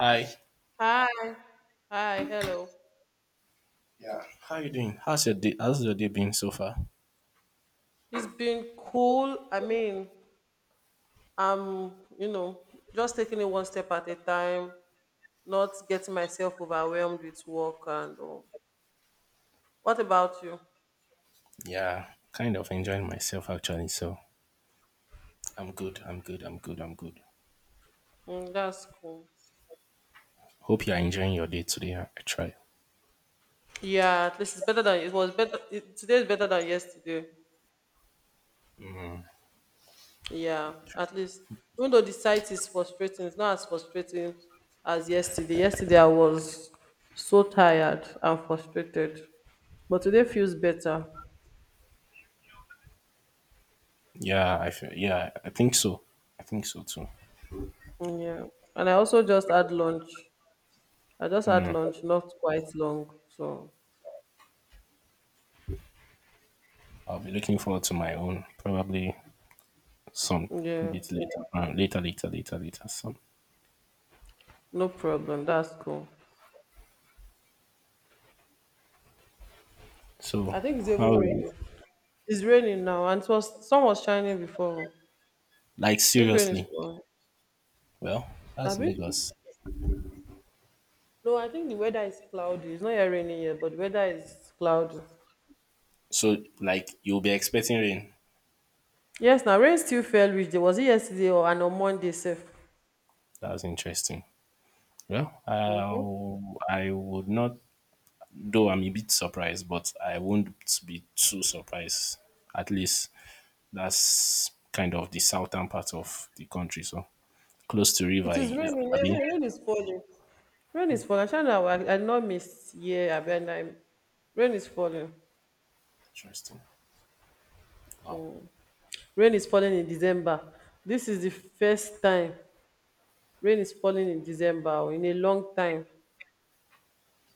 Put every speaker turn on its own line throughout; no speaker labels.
Hi,
Hi, hi, hello.
how you doing? How's your day? How's your day been so far?
It's been cool. I mean, I'm, you know, just taking it one step at a time, not getting myself overwhelmed with work and all. What about you?
Yeah, kind of enjoying myself actually. So I'm good. I'm good. I'm good. I'm good.
Mm, that's cool.
Hope you are enjoying your day today. I try.
Yeah, at least it's better than it was better. Today is better than yesterday. Yeah, at least even though the site is frustrating, it's not as frustrating as yesterday. Yesterday I was so tired and frustrated, but today feels better.
Yeah, I feel, yeah, I think so. I think so too.
Yeah. And I also just had lunch. I just had lunch, not quite long. So,
I'll be looking forward to my own probably some
yeah,
bit later. Later, later, later, later. Some.
no problem. That's cool.
So
I think it's even
how?
raining. It's raining now, and it was sun was shining before. I
Like
think rain is
seriously?
pouring.
Well, that's
Abi?
Lagos.
No, I think the weather is cloudy. It's not yet raining yet, but the weather is cloudy.
So like you'll be expecting rain.
Yes, now rain still fell, which day was it yesterday or and on Monday, safe.
That's interesting. Well,
Mm-hmm.
I would not, though I'm a bit surprised, but I won't be too surprised. At least that's kind of the southern part of the country, so close to river.
It is raining. Yeah,
Abi.
yeah, rain is falling. Rain is falling. I did not miss. Yeah, I bet I. Rain is falling.
Interesting. Wow.
Rain is falling in December. Dis is di first time rain is falling in December o in a long time.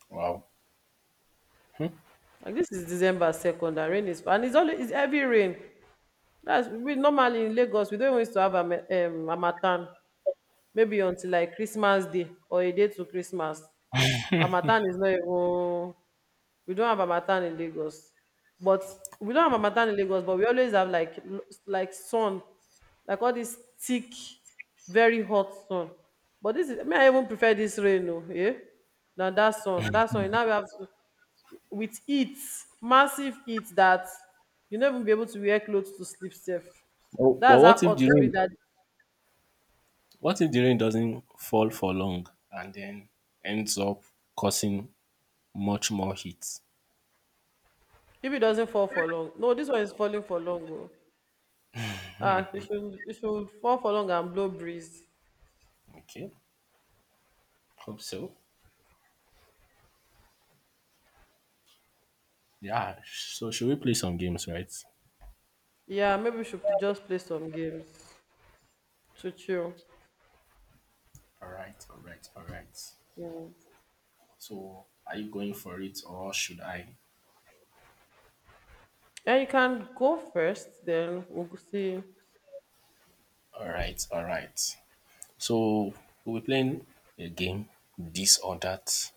Wow.
And dis is December 2nd, and rain is, and it's always, it's heavy rain. That's we normally in Lagos, we don't even used to have harmattan, maybe until like Christmas day or a day to Christmas. Harmattan is not even, we don't have harmattan in Lagos, but we don't have harmattan in Lagos, but we always have like sun, like all this thick, very hot sun. But this is me. I even prefer this rain, oh, yeah, than that sun. That sun. Now we have with heat, massive heat that you never be able to wear clothes to sleep safe.
Oh, but
That's how
what if
hot
the
it be
rain?
that
What if the rain doesn't fall for long and then ends up causing much more heat?
if it doesn't fall for long. No, this one is falling for long. Oh. Ah, it should fall for long and blow breeze.
Okay. Hope so. Yeah. So should we play some games, right?
Yeah, maybe we should just play some games to chill.
All right. All right. All right.
Mm.
So, are you going for it or should I?
And you can go first, then we'll go see.
All right, all right. So, we'll be playing a game, this or that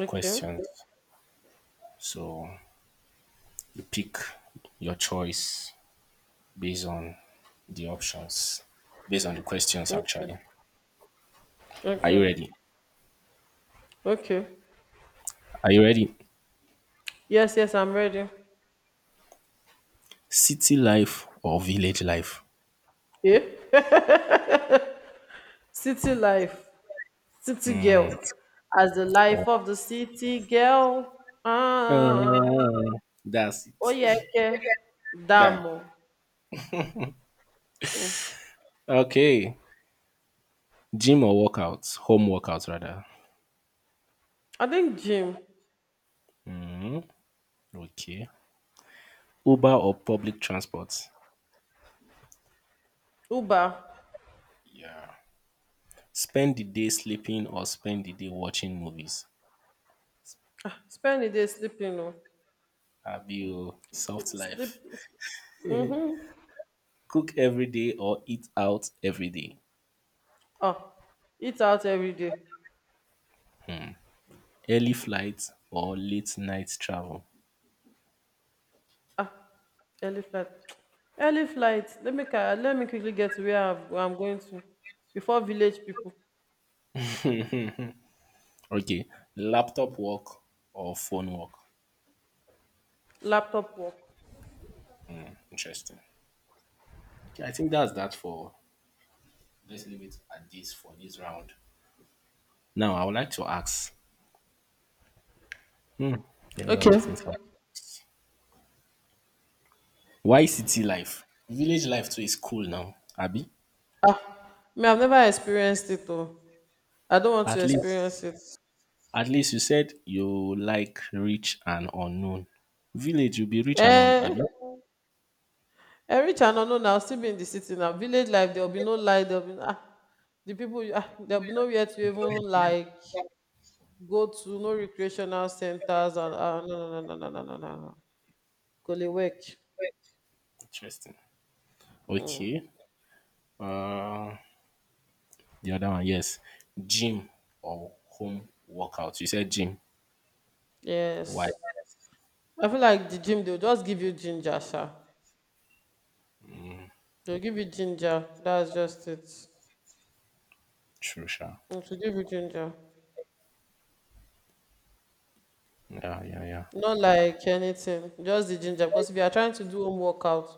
Okay.
questions. So, you pick your choice based on the options, based on the questions,
Okay.
actually. Are you
Okay.
ready?
Okay.
Are you ready?
Yes, yes, I'm ready.
City life or village life?
Yeah. City life. City girl. As the life
Oh,
of the city girl. Ah.
uh, that's
Oh, yeah.
it.
Okay.
Bam.
Damo.
Okay. Gym or workout? Home workout, rather.
I think gym.
Okay. Uber or public transport.
Uber.
Spend the day sleeping or spend the day watching movies.
Spend the day sleeping. Oh.
Abi o, soft life.
Sleep.
Cook every day or eat out every day.
Oh. Eat out every day.
Early flight or late night travel.
Ah, early flight. Early flight. Let me quickly get to where I'm going to before village people.
Okay, laptop work or phone work.
Laptop work.
Interesting. Okay, I think that's that for. Let's leave it at this for this round. Now, I would like to ask. Hmm, there are a lot
Okay.
of things. Like, why city life? Village life too is cool now, Abby.
Me, I've never experienced it though. I don't want to
At least
experience it.
at least you said you like rich and unknown. Village, you'll be rich and unknown.
Eh,
Abi?
every channel no now still be in the city now. Village life there'll be no light. There'll be the people, there'll be nowhere to even like go to, no recreational centers, and no, no, no, no, no, no, no, no. No. Go work.
Interesting. Okay. Uh, the other one, yes. Gym or home workout. You said gym. Why?
Yes. I feel like the gym they'll just give you ginger, sha. They'll give you ginger. That's just it.
True, sure.
It will give you ginger.
Yeah, yeah, yeah.
Not like anything. Just the ginger. Because if you are trying to do home workout,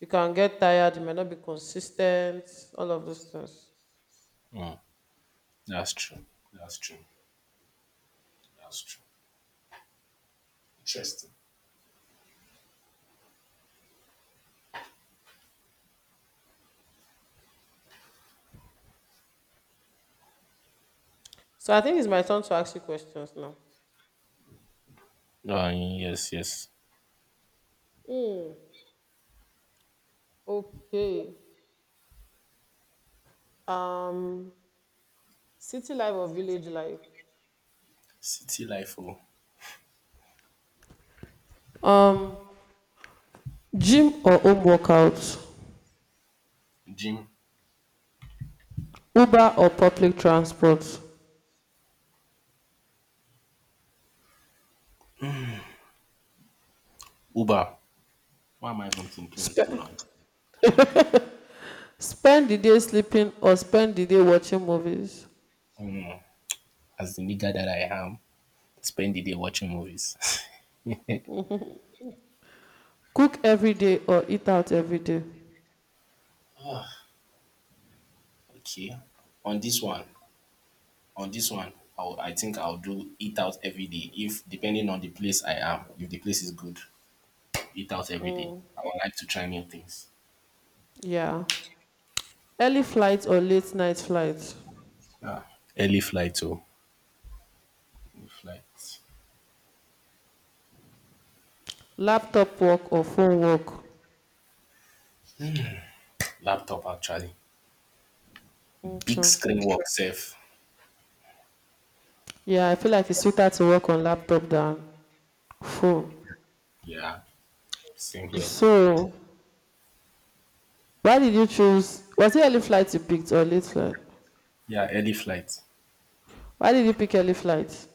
you can get tired, you may not be consistent, all of those things.
Mm, that's true. That's true. That's true. Interesting.
So I think it's my turn to ask you questions now.
Yes, yes.
Hmm. Okay. Um City life or village life?
City life or
Um Gym or home workout?
gym.
Uber or public transport?
Uber. Why am I even thinking
Spe-
too long?
Spend the day sleeping or spend the day watching movies.
As the nigga that I am, spend the day watching movies.
Cook every day or eat out every day.
Okay. On this one, on this one, I think I'll do eat out every day. If depending on the place I am, if the place is good, eat out every day. I would like to try new things.
Yeah. Early flights or late night flights.
Ah, early flight too. Flight.
Laptop work or phone work.
Laptop actually. Big
Okay.
screen work safe.
Yeah, I feel like it's sweeter to work on laptop than phone.
Yeah. Same here.
So, why did you choose? Was it early flight you picked or late flight?
Yeah, early flight.
Why did you pick early flight?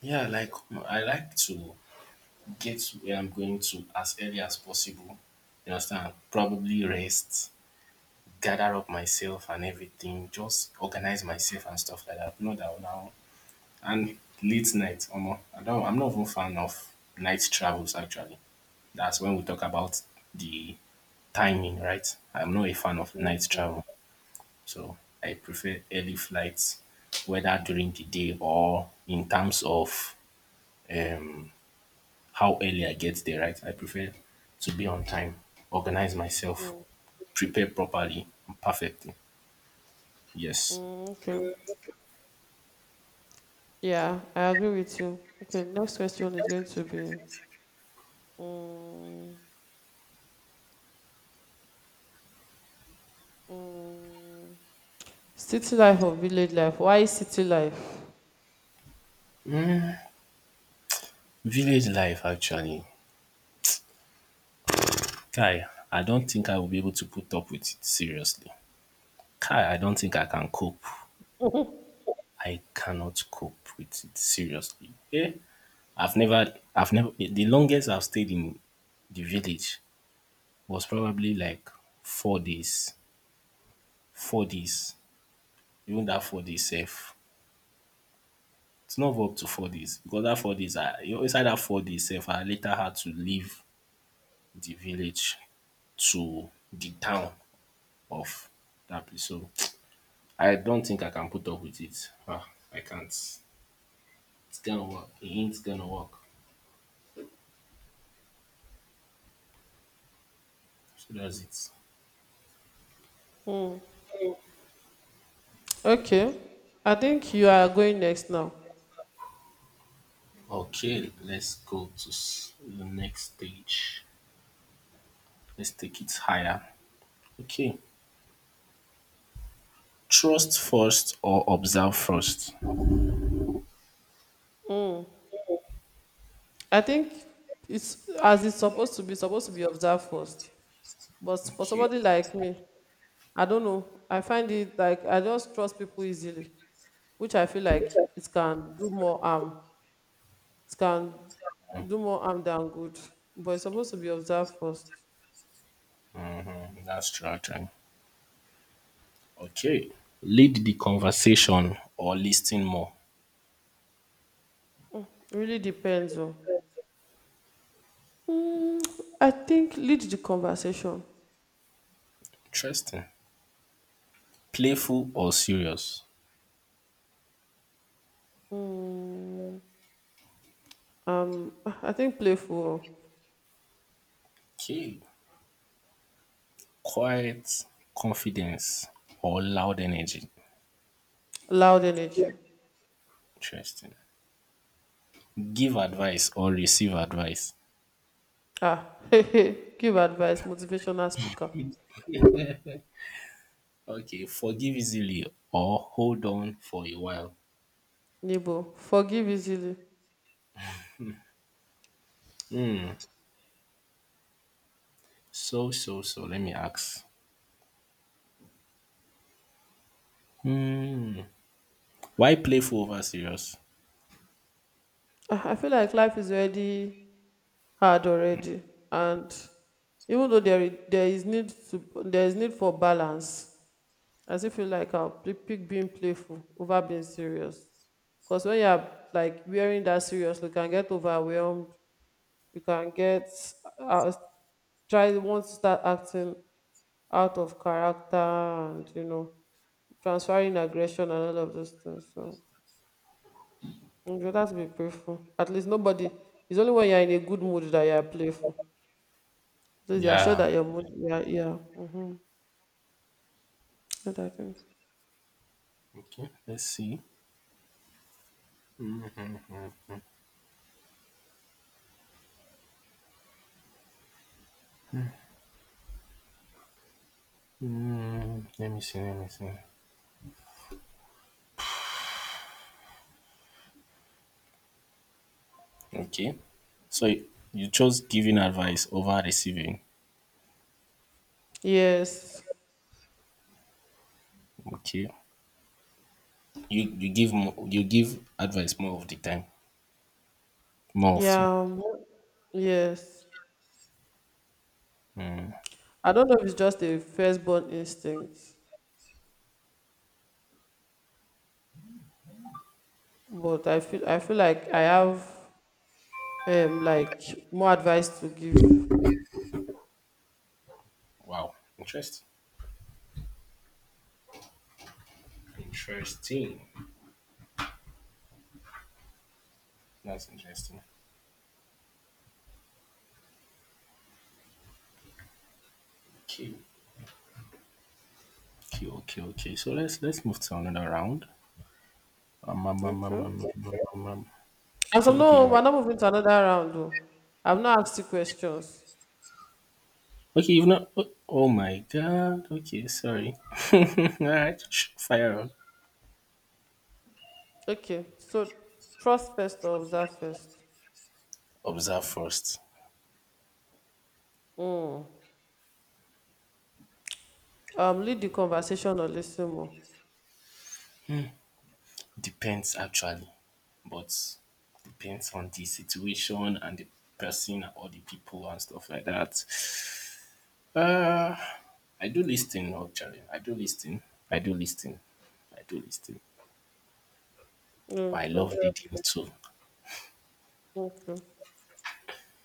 Yeah, like I like to get where I'm going to as early as possible. You understand? Probably rest. Gather up myself and everything, just organize myself and stuff like that. Not that now. And late night, omo, I'm not even fan of night travels actually. That's when we talk about the timing, right? I'm not a fan of night
Okay.
travel. So I prefer early flights, whether during the day or in terms of um, how early I get there, right? I prefer to be on time, organize myself, prepare properly, perfectly. Yes.
Mm, okay. Yeah, I agree with you. Okay, next question is going to be. Mm. Mm. City life or village life? Why city life?
Village life actually, kai I don't think I will be able to put up with it seriously. Kai I don't think I can cope. I cannot cope with it seriously. Eh, I've never, the longest I've stayed in the village was probably like 4 days. 4 days. Even that 4 days sef, it's not up to 4 days because that 4 days I, you know, inside dat 4 days sef I later had to leave the village to the town of that place. So I don't think I can put up with it. Ah, I can't. It's gonna work. It ain't gonna work. So that's it.
Mm. Okay. I think you are going next now.
Okay, let's go to the next stage. Let's take it higher. Okay, trust first or observe first.
I think it's as it's supposed to be observed first. But for
Okay,
somebody like me, I don't know. I find it like I just trust people easily, which I feel like it can do more harm. It can do more harm than good. But it's supposed to be observed first.
that's true actually. Okay, lead the conversation or listen more.
Really depends on. Mm, I think lead the conversation.
Interesting. Playful or serious.
Mm, I think playful,
Okay, quiet confidence or loud energy.
loud energy.
Interesting. Give advice or receive advice.
Ah, give advice, motivational speaker.
Okay, forgive easily or hold on for a while.
Nibo, forgive easily.
Hmm. So, so, so, let me ask. Hmm. Why playful over serious?
Ah, I feel like life is already hard already, and even though there is need for balance, I still feel like I'll pick being playful over being serious. Because when you're like wearing that serious, you can get overwhelmed. You can get uh, try want to start acting out of character, and transferring aggression and all of those things. So you better to be playful. At least nobody. It's only when you're in a good mood that you're playful. So you're sure
Yeah.
that your mood. Yeah, yeah. Mm-hmm. What I think.
Okay, let's see. Hmm. Let me see, let me see. Okay. So you chose giving advice over receiving.
Yes.
Okay. You give more, you give advice more of the time. More often.
Yeah. Yes. I don't know if it's just a firstborn instinct, but I feel like I have like more advice to give.
Wow. Interesting. Interesting. That's interesting. Okay. Okay, okay, okay. So let's move to another round. Um, um, um, um,
Okay.
um, um, um, um. I
And so
think okay,
no,
yeah.
we're not moving to another round though. I've not asked you questions.
Okay, you've not. Oh, oh my god. Okay, sorry. All right, fire on.
Okay, so trust first or observe first.
Observe first.
Mm. Lead the conversation or listen more.
Depends actually, but depends on the situation and the person or the people and stuff like that. Uh, I do listening actually. I do listening. I do listening. I do listening. But I
Okay.
love reading too.
Okay.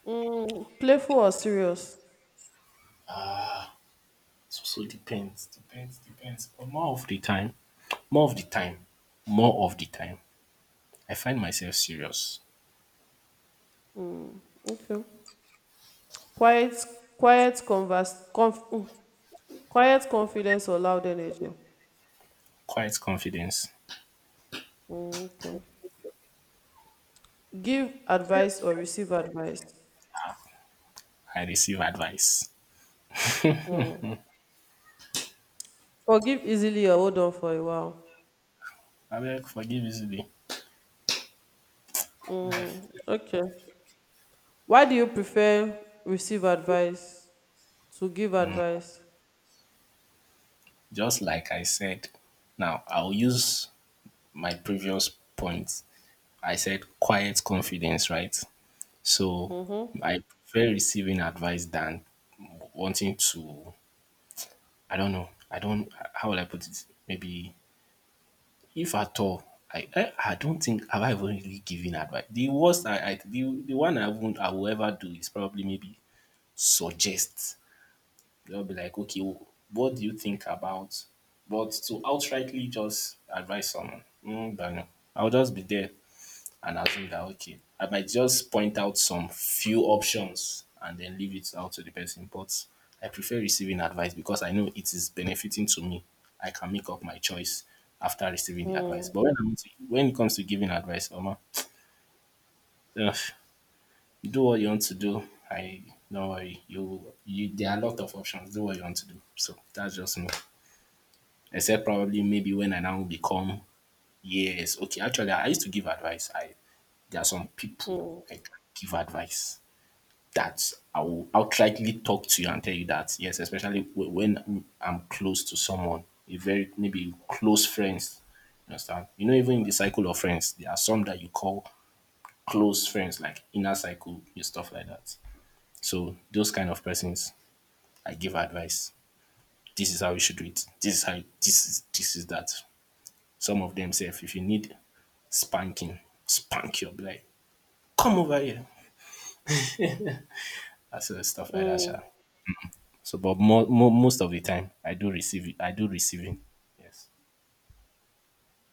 Mm, playful or serious?
So depends, depends, depends. But more of the time, more of the time, more of the time, I find myself serious,
Okay. Quiet, quiet converse, conf, mm, quiet confidence or loud energy.
quiet confidence.
Mm, okay. Give advice or receive advice.
I receive advice.
Forgive easily or hold on for a while.
I beg, forgive easily. Life.
Okay. Why do you prefer receive advice to give advice?
Just like I said, now I'll use my previous point. I said quiet confidence, right? So
Mm-hmm.
I prefer receiving advice than wanting to, I don't know, I don't, how will I put it? Maybe if at all, I don't think have I even really given advice. The worst I the one I won't I will ever do is probably maybe suggest. I'll be like, okay, what do you think about? But to outrightly just advise someone, not know. I'll just be there and assume that okay, I might just point out some few options and then leave it out to the person. But I prefer receiving advice because I know it is benefiting to me. I can make up my choice after receiving the advice.
Mm,
But when, when it comes to giving advice, Oma, uh, do what you want to do. I don't worry. You, there are a lot of options. Do what you want to do. So that's just me. Except probably maybe when I now become yes, okay. Actually, I used to give advice. I there are some people
mm,
I give advice that I will outrightly talk to you and tell you that yes, especially when I'm close to someone, a very maybe close friends. You understand? You know, even in the cycle of friends, there are some that you call close friends, like inner cycle and stuff like that. So those kind of persons, I give advice. This is how you should do it. This is how. This is that. Some of them say, if you need spanking, spank your be like, come over here. That's the stuff like that,
mm,
sha. So, but most of the time, I do receive it. I do receiving. Yes.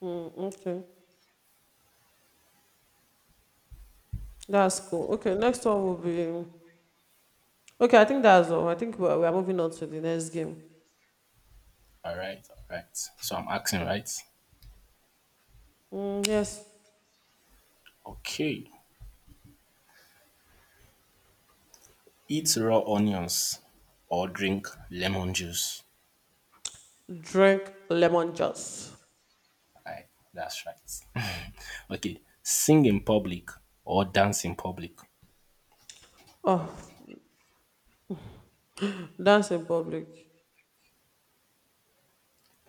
mm, okay. That's cool. Okay, next one will be. Okay, I think that's all. I think we're moving on to the next game.
All right. All right. So I'm asking, right?
Mm, yes.
Okay. Eat raw onions or drink lemon juice.
Drink lemon juice.
Right. That's right. Okay. Sing in public or dance in public.
Oh, dance in public.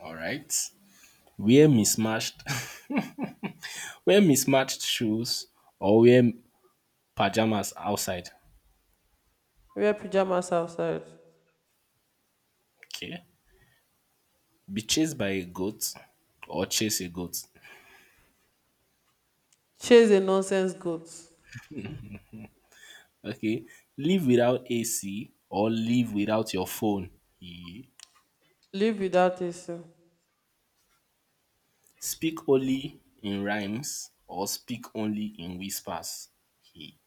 All right. Wear mismatched, wear mismatched shoes or wear pajamas outside.
Wear pajamas outside.
Okay. Be chased by a goat or chase a goat.
Chase a nonsense goat.
Okay. Live without AC or live without your phone. Ye.
Live without tasting.
Speak only in rhymes or speak only in whispers. Ye.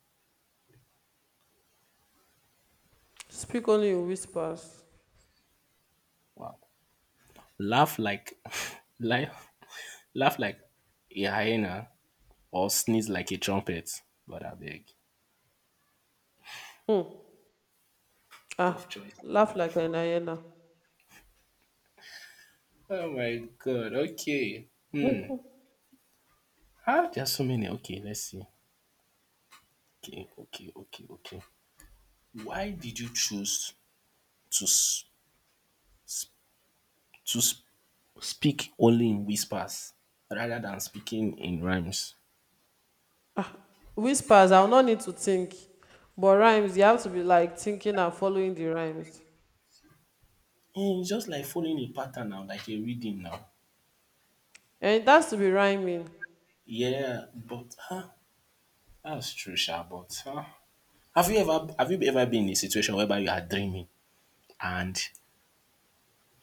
Speak only in whispers.
Wow. Laugh like laugh, laugh like a hyena or sneeze like a trumpet. But I beg.
Hmm.
Tough
Ah,
choice.
laugh like an hyena.
Oh my god. Okay. Hmm. How there's so many. Okay, let's see. Okay, okay, okay, okay. Why did you choose to to sp- speak only in whispers rather than speaking in rhymes?
Whispers, I'll not need to think. But rhymes, you have to be like thinking and following the rhymes.
Eh, it's just like following a pattern now, like a reading now.
And it has to be rhyming.
Yeah, but that's true sha, but have you ever been in a situation whereby you are dreaming and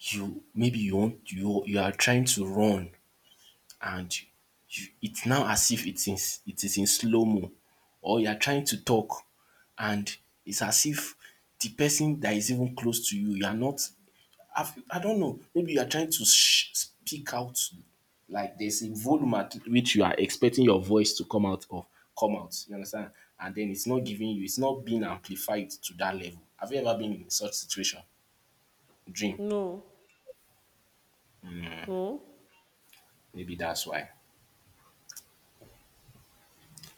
you maybe you want you you are trying to run and you it's now as if it is it is in slow-mo, or you are trying to talk and it's as if the person that is even close to you, you are not I've, I don't know, maybe you are trying to speak out like there's a volume at which you are expecting your voice to come out. You understand? And then it's not giving you, it's not being amplified to that level. Have you ever been in such situation? Dream.
No, no,
Maybe that's why.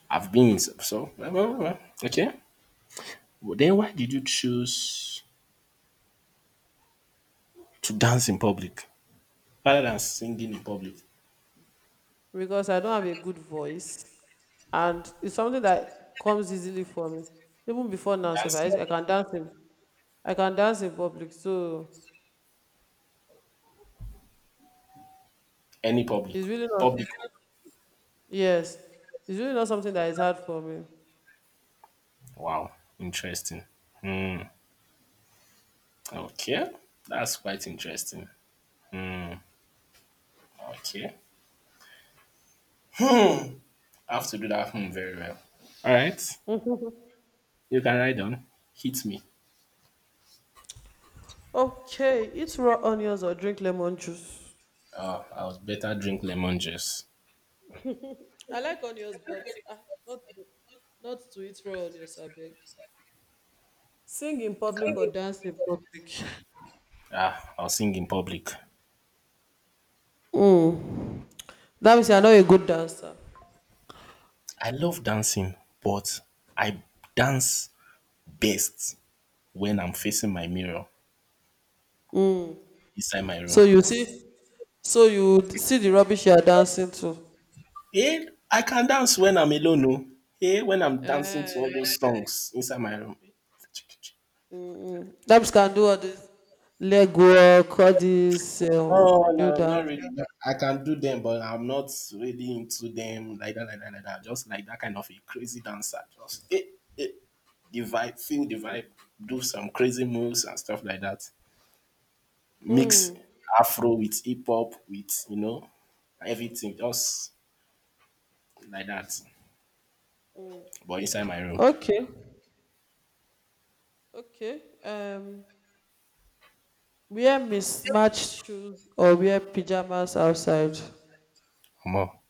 I've been in so well, well, well, okay. Well, then why did you choose to dance in public rather than singing in public?
because I don't have a good voice. And it's something that comes easily for me. Even before now, sef,
Dancing,
I can dance in public. So
any public,
it's really not,
public.
yes, it's really not something that is hard for me.
Wow, interesting. Okay, that's quite interesting. Okay, I have to do that home very well. All right, you can ride on. Hit me.
Okay, eat raw onions or drink lemon juice.
I was better drink lemon juice.
I like onions, but not to, not to eat raw onions, abeg. Sing in public or dance in public.
Ah, I'll sing in public.
That means you're not a good dancer.
I love dancing, but I dance best when I'm facing my mirror inside my
So
room.
you see, so you see the rubbish you are dancing to.
Hey, I can dance when I'm alone. No? Hey, when I'm dancing to all
Eh.
those songs inside my room.
That means can do all this leg work, all this
No,
new
no, not
dance.
really. I can do them, but I'm not really into them like that, like that, like that. Just like that kind of a crazy dancer. Just eh, the vibe, feel the vibe, do some crazy moves and stuff like that. Mix Afro with hip hop with everything, just like that. But inside my room,
Okay, okay. Wear mismatched shoes or wear pajamas outside.
more.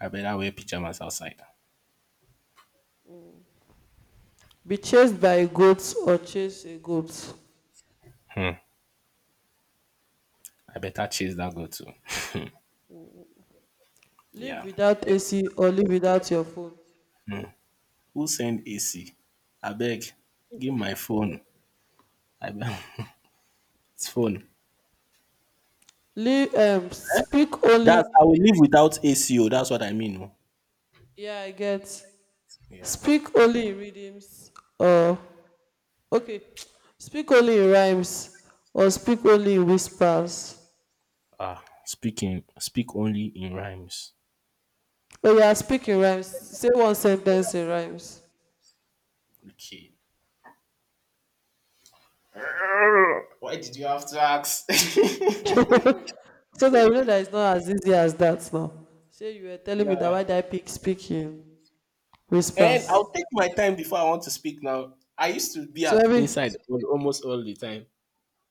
I better wear pajamas outside.
Be chased by goats or chase a goat.
I better chase that girl too.
Live
Yeah.
without AC or live without your phone.
Who send AC? Beg. Give my phone. I be- it's phone.
Live, speak only,
That's I will live without ACO. That's what I mean. Oh.
yeah, I get,
Yeah.
speak only in rhythms, or okay. Speak only in rhymes or speak only in whispers?
Ah, speak only in rhymes.
Oh, yeah, speak in rhymes, say one sentence in rhymes.
Okay. Why did you have to ask?
So that you know that it's not as easy as that now. Say you were telling me that
Yeah.
why did I pick speak in whispers.
And I'll take my time before I want to speak now. I used to be
So
at
every
inside almost all the time.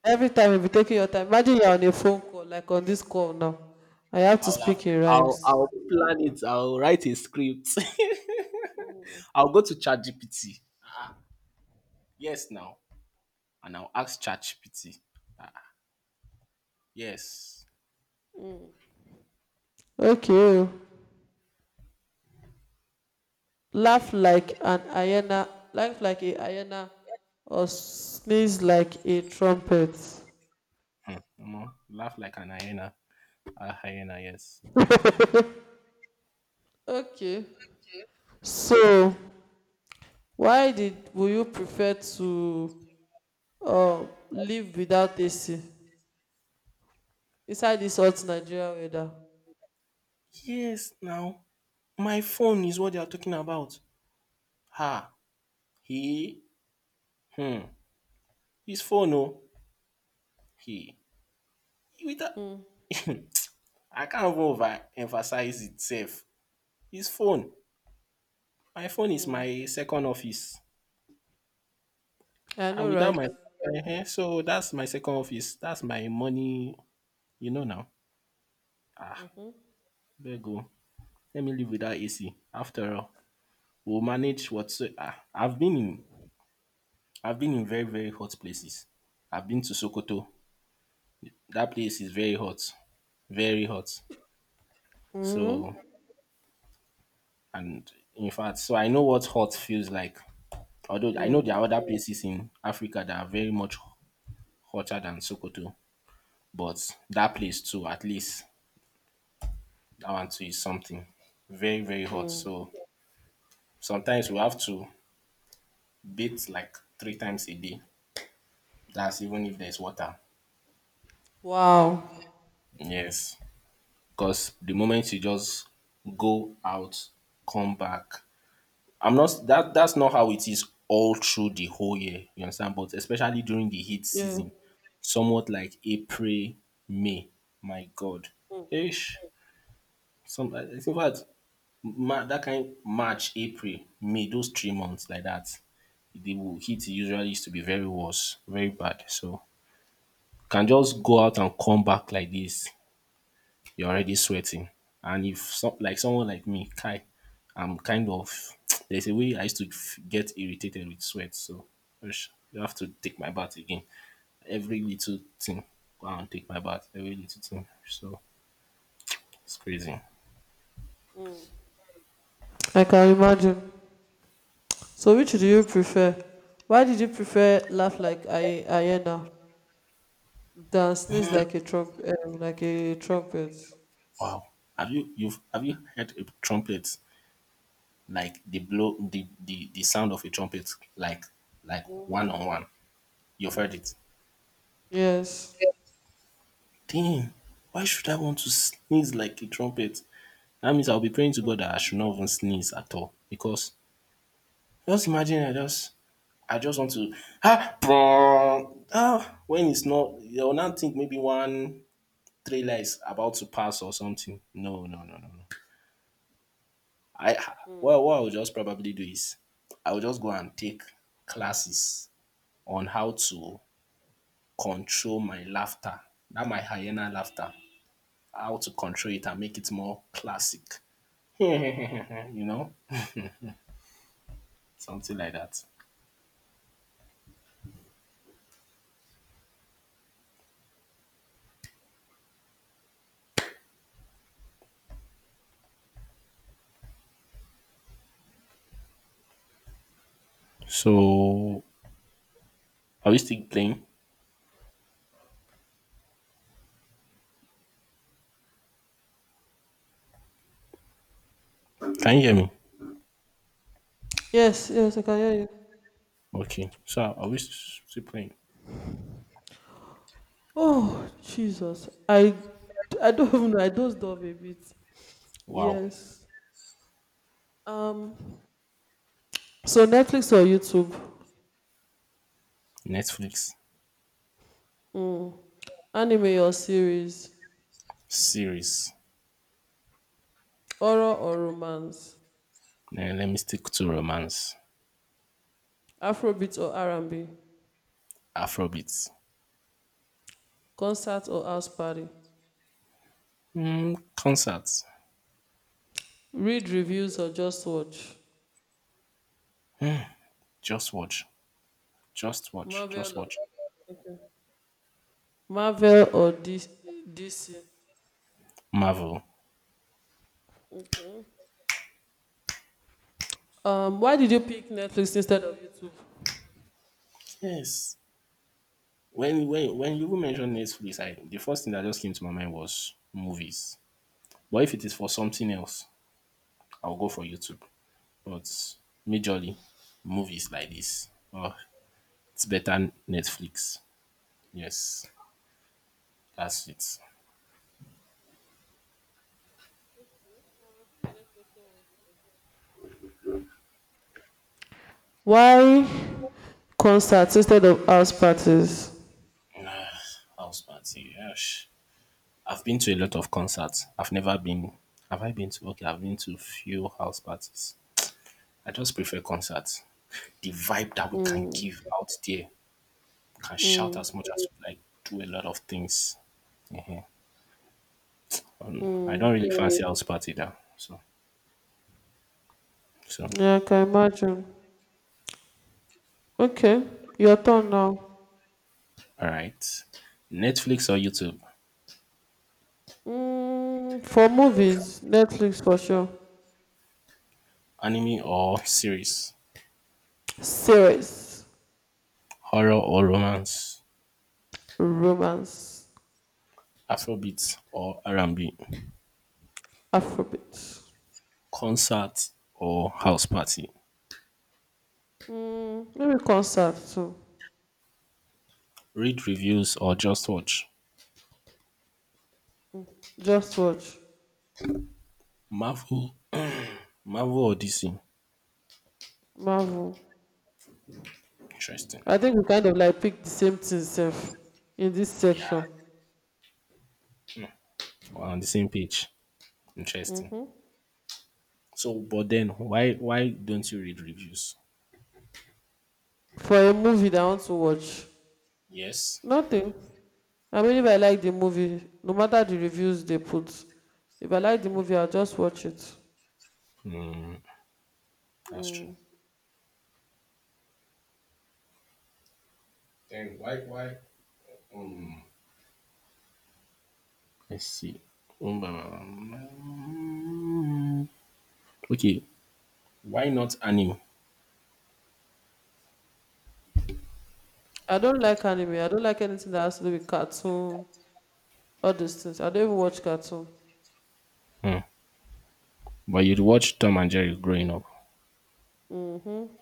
Every time you'll be taking your time. Imagine you're on a phone call, like on this call now. I have to
I'll have,
speak in
I'll
rhymes.
I'll plan it. I'll write a script. I'll go to ChatGPT. Yes, now, and I'll ask ChatGPT. Yes.
Okay. Oh. Laugh like a hyena, or sneeze like a trumpet.
Omo, laugh like an hyena. A hyena, yes.
Okay. So, why did would you prefer to uh, live without AC inside this hot Nigeria weather?
Yes, now my phone is what they are talking about. Ha, he, hmm, his phone, no, he. With a,
Hmm.
I can't even overemphasize itself. His phone. My phone is my second office.
I
And
know,
without
right?
my, so that's my second office. That's my money, you know now. Ah,
Mm-hmm.
there you go. Let me live without AC. After all, we'll manage what. So, ah, I've been in very very hot places. I've been to Sokoto. That place is very hot, very hot.
Mm-hmm.
So and in fact, so I know what hot feels like. Although I know there are other places in Africa that are very much hotter than Sokoto, but that place too, at least I want to eat something very very hot.
Mm.
So sometimes we have to bathe like 3 times a day, that's even if there's water.
Wow.
Yes, because the moment you just go out, come back, I'm not that that's not how it is all through the whole year, you understand? But especially during the heat
Yeah.
season, somewhat like april, may, my god,
Hmm.
ish, some in fact. That kind March, April, May, those 3 months like that, they will heat usually used to be very worse, very bad. So can just go out and come back like this, you're already sweating. And if like someone like me, Kai, I'm kind of there's a way I used to get irritated with sweat. So ush, you have to take my bath again. Every little thing, go out and take my bath. Every little thing. So it's crazy.
Like, I can imagine. So, which do you prefer? Why did you prefer laugh like a hyena than sneeze like a like a trumpet?
Wow. Have you heard a trumpet? Like the blow the sound of a trumpet, like one
Mhm.
on one. You've heard it.
Yes,
Damn, why should I want to sneeze like a trumpet? That means I'll be praying to god that I should not even sneeze at all. Because just imagine, I just want to, prong, when it's not, you'll now think maybe one trailer is about to pass or something. No, no, no, no, no. I Well, what I'll just probably do is I'll just go and take classes on how to control my laughter, that my hyena laughter, how to control it and make it more classic. you know, Something like that. So, are we still playing? Can you hear me?
yes, yes. I can hear you.
Okay. So, are we still playing?
Oh, Jesus! I don't even know. I dozed off a bit.
Wow.
Yes. Um. So Netflix or YouTube?
Netflix.
Mm. Anime or series?
Series.
Horror or romance?
Eh, let me stick to romance.
Afrobeat or R&B?
Afrobeats.
Concert or house party?
Concerts.
Read reviews or just watch?
Just watch. Just watch. Just
Marvel or
watch.
okay. Marvel or DC?
Marvel.
Why did you pick Netflix instead of YouTube?
Yes. When you even mentioned Netflix, I the first thing that just came to my mind was movies. But if it is for something else, I'll go for YouTube. But majorly movies like this. Oh, it's better Netflix. Yes, that's it.
Why concerts instead of house parties?
Ah, house party. Gosh. I've been to a lot of concerts. I've never been. Have I been to? Okay, I've been to few house parties. I just prefer concerts. The vibe that we can give out there, we can shout as much as we like, do a lot of things. Mhm. I don't really fancy house party now. So
Yeah, I can imagine. Okay, your turn now.
all right. Netflix or YouTube,
Mm, for movies, Netflix for sure.
anime or series,
Series,
horror or romance,
romance,
Afrobeat or R&B,
Afrobeat.
concert or house party,
Mm, maybe concert too.
read reviews or just watch,
Just watch
Marvel, Marvel or DC.
Marvel.
Interesting.
I think we kind of like pick the same thing sef in this
Yeah,
section.
we're on the same page. Interesting.
Hmm.
So, but then why don't you read reviews?
For a movie that I want to watch,
Yes,
nothing. I mean, if I like the movie, no matter the reviews they put, if I like the movie, I'll just watch it.
that's true.
Mm.
Then why let's see. Um, Okay, why not anime?
I don't like anime. I don't like anything that has to do with cartoon, all those things. I don't even watch cartoon.
But you'd watch Tom and Jerry growing up.
Hmm.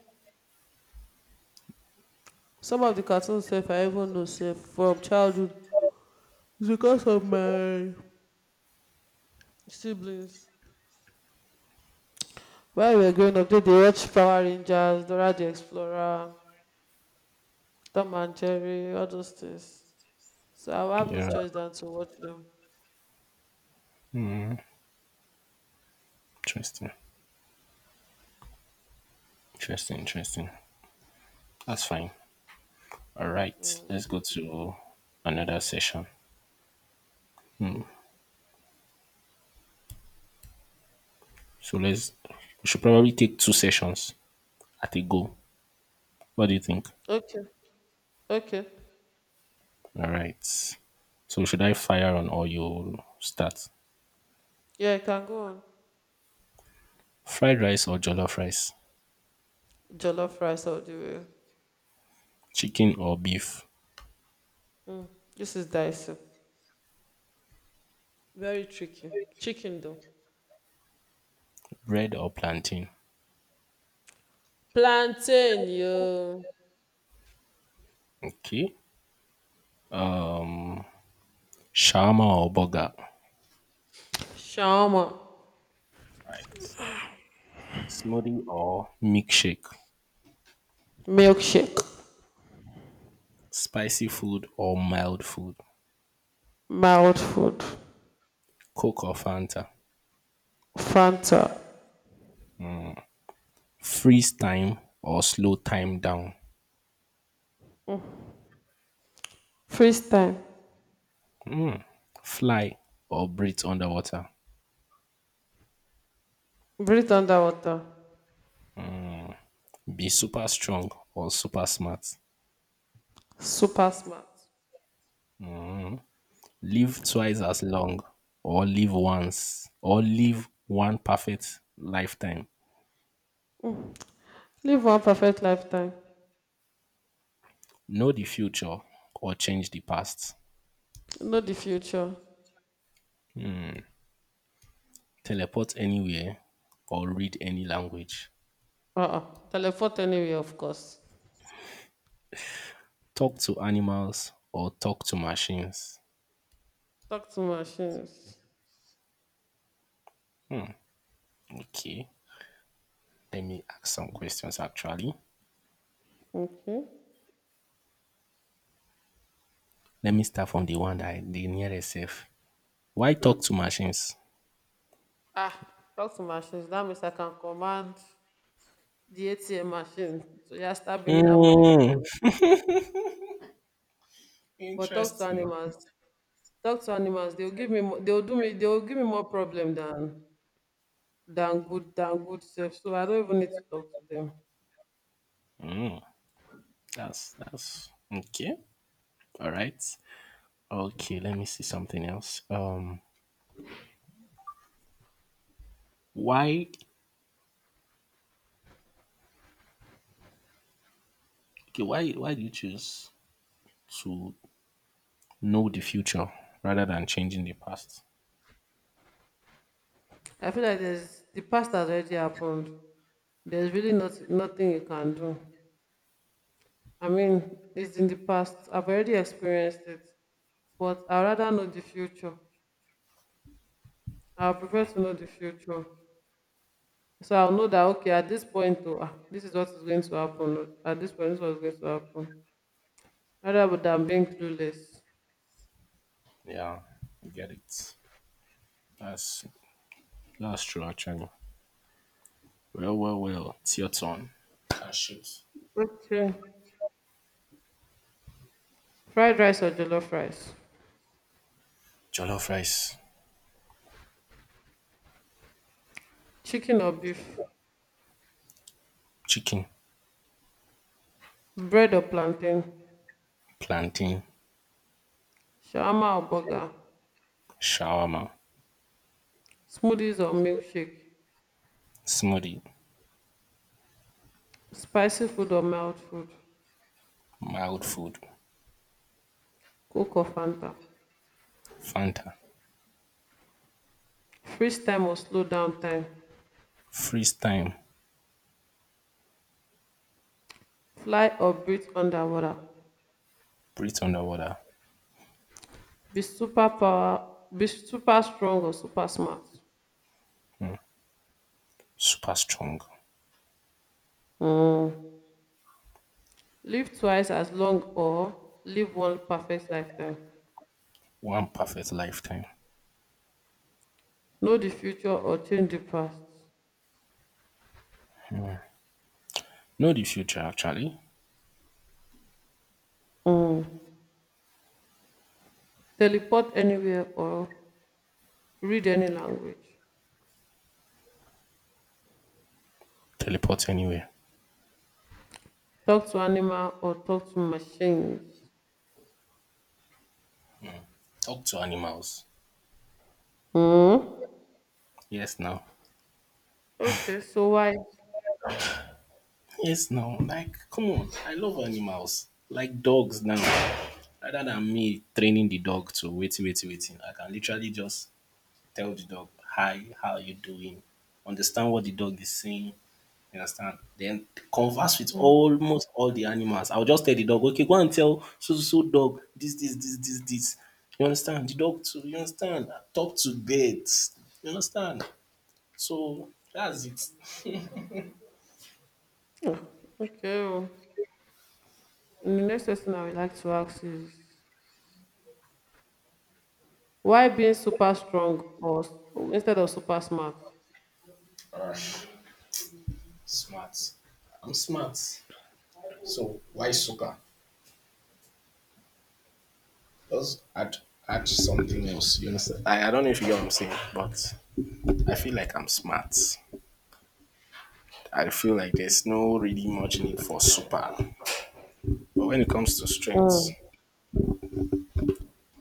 Some of the cartoons, sef, I even know, sef, from childhood, is because of my siblings. Where we were going up, did they watch Power Rangers, Dora the Explorer, Tom and Jerry, all those things. So I will have no
Yeah,
choice than to watch them.
interesting, interesting, interesting. That's fine. All right,
Mm.
let's go to another session. So let's we should probably take two sessions at a go. What do you think?
Okay, okay.
All right. So should I fire on or you start?
Yeah, I can go on.
Fried rice or jollof rice?
Jollof rice all the way.
Chicken or beef?
Mm. This is dicey. Very tricky. Chicken though.
Bread or plantain?
Plantain, yo.
Okay. Shawarma or burger?
Shawarma.
Right. Smoothie or milkshake,
Milkshake.
spicy food or mild food,
Mild food.
Coke or Fanta,
Fanta.
freeze time or slow time down,
Freeze time.
fly or breathe underwater,
Breathe underwater.
be super strong or super smart,
Super smart.
live twice as long or live one perfect lifetime,
Live one perfect lifetime.
know the future or change the past,
Not the future.
teleport anywhere or read any language,
Uh-uh. Teleport anyway, of course.
talk to animals or talk to machines.
Talk to machines.
Okay. Let me ask some questions actually.
Okay.
Let me start from the one that the nearest self. Why talk to machines?
Ah, talk to machines. That means I can command the ATM machine to just start bringing that money for
Mm,
me. But talk to
interesting.
animals. Talk to animals. They'll give me. More, they'll do me. They'll give me more problem than good than good self. So I don't even need to talk to them.
That's okay. All right. Okay. Let me see something else. Why? Okay, why? Why do you choose to know the future rather than changing the past?
I feel like there's the past has already happened. There's really not nothing you can do. I mean, it's in the past. I've already experienced it. But I rather know the future. I prefer to know the future. So I'll know that okay, at this point, oh, this is what is going to happen. Oh, at this point, this is what is going to happen. Rather than being clueless.
Yeah, I get it. That's true actually. Well, well, well. It's your turn. Ah, shoot.
Okay. Fried rice or jollof rice?
Jollof rice,
Chicken or beef?
chicken.
Bread or plantain?
Plantain,
Shawarma or burger?
shawarma,
Smoothies or milkshake?
smoothie,
Spicy food or mild food?
mild food,
Coke or Fanta?
Fanta,
Freeze time or slow down time?
freeze time,
Fly or breathe underwater?
breathe underwater,
Be super power, be super strong or super smart.
super strong,
Mm. Live twice as long or live one perfect lifetime.
one perfect lifetime.
Know the future or change the past.
Know the future actually,
Mm. Teleport anywhere or read any language.
teleport anywhere,
Talk to animal or talk to machines.
talk to animals.
Mm.
Yes now,
Okay, so why?
yes now, like come on, I love animals, like dogs now. Rather than me training the dog to wait, wait, waiting, I can literally just tell the dog, hi, how are you doing? Understand what the dog is saying. You understand? Then converse with almost all the animals. I'll just tell the dog, okay, go and tell so so so dog this, this, this, this, this. You understand? The dog too, you understand? Talk to birds. You understand? So that's it.
Okay, oh. And the next question I would like to ask is why being super strong or instead of super smart?
All right. Smart. I'm smart. So why soccer? Just add something else. You understand? I don't know if you get what I'm saying, but I feel like I'm smart. I feel like there's no really much need for super. But when it comes to strength,
Mm.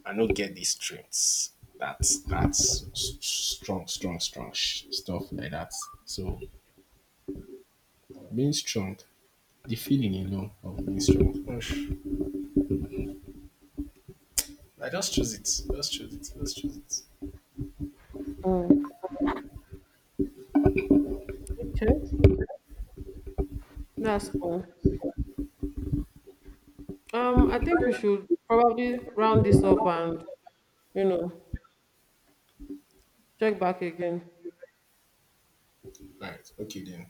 I don't get these strengths. That's strong, strong, strong stuff like that. So being strong, the feeling alone of being strong. Osh, I just choose it. Just choose it. Just choose it.
Mm. Okay. That's cool. I think we should probably round this up and, you know, check back again.
Right. Okay then.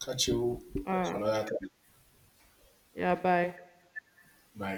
Catch you
All right.
another time.
Yeah, bye.
Bye.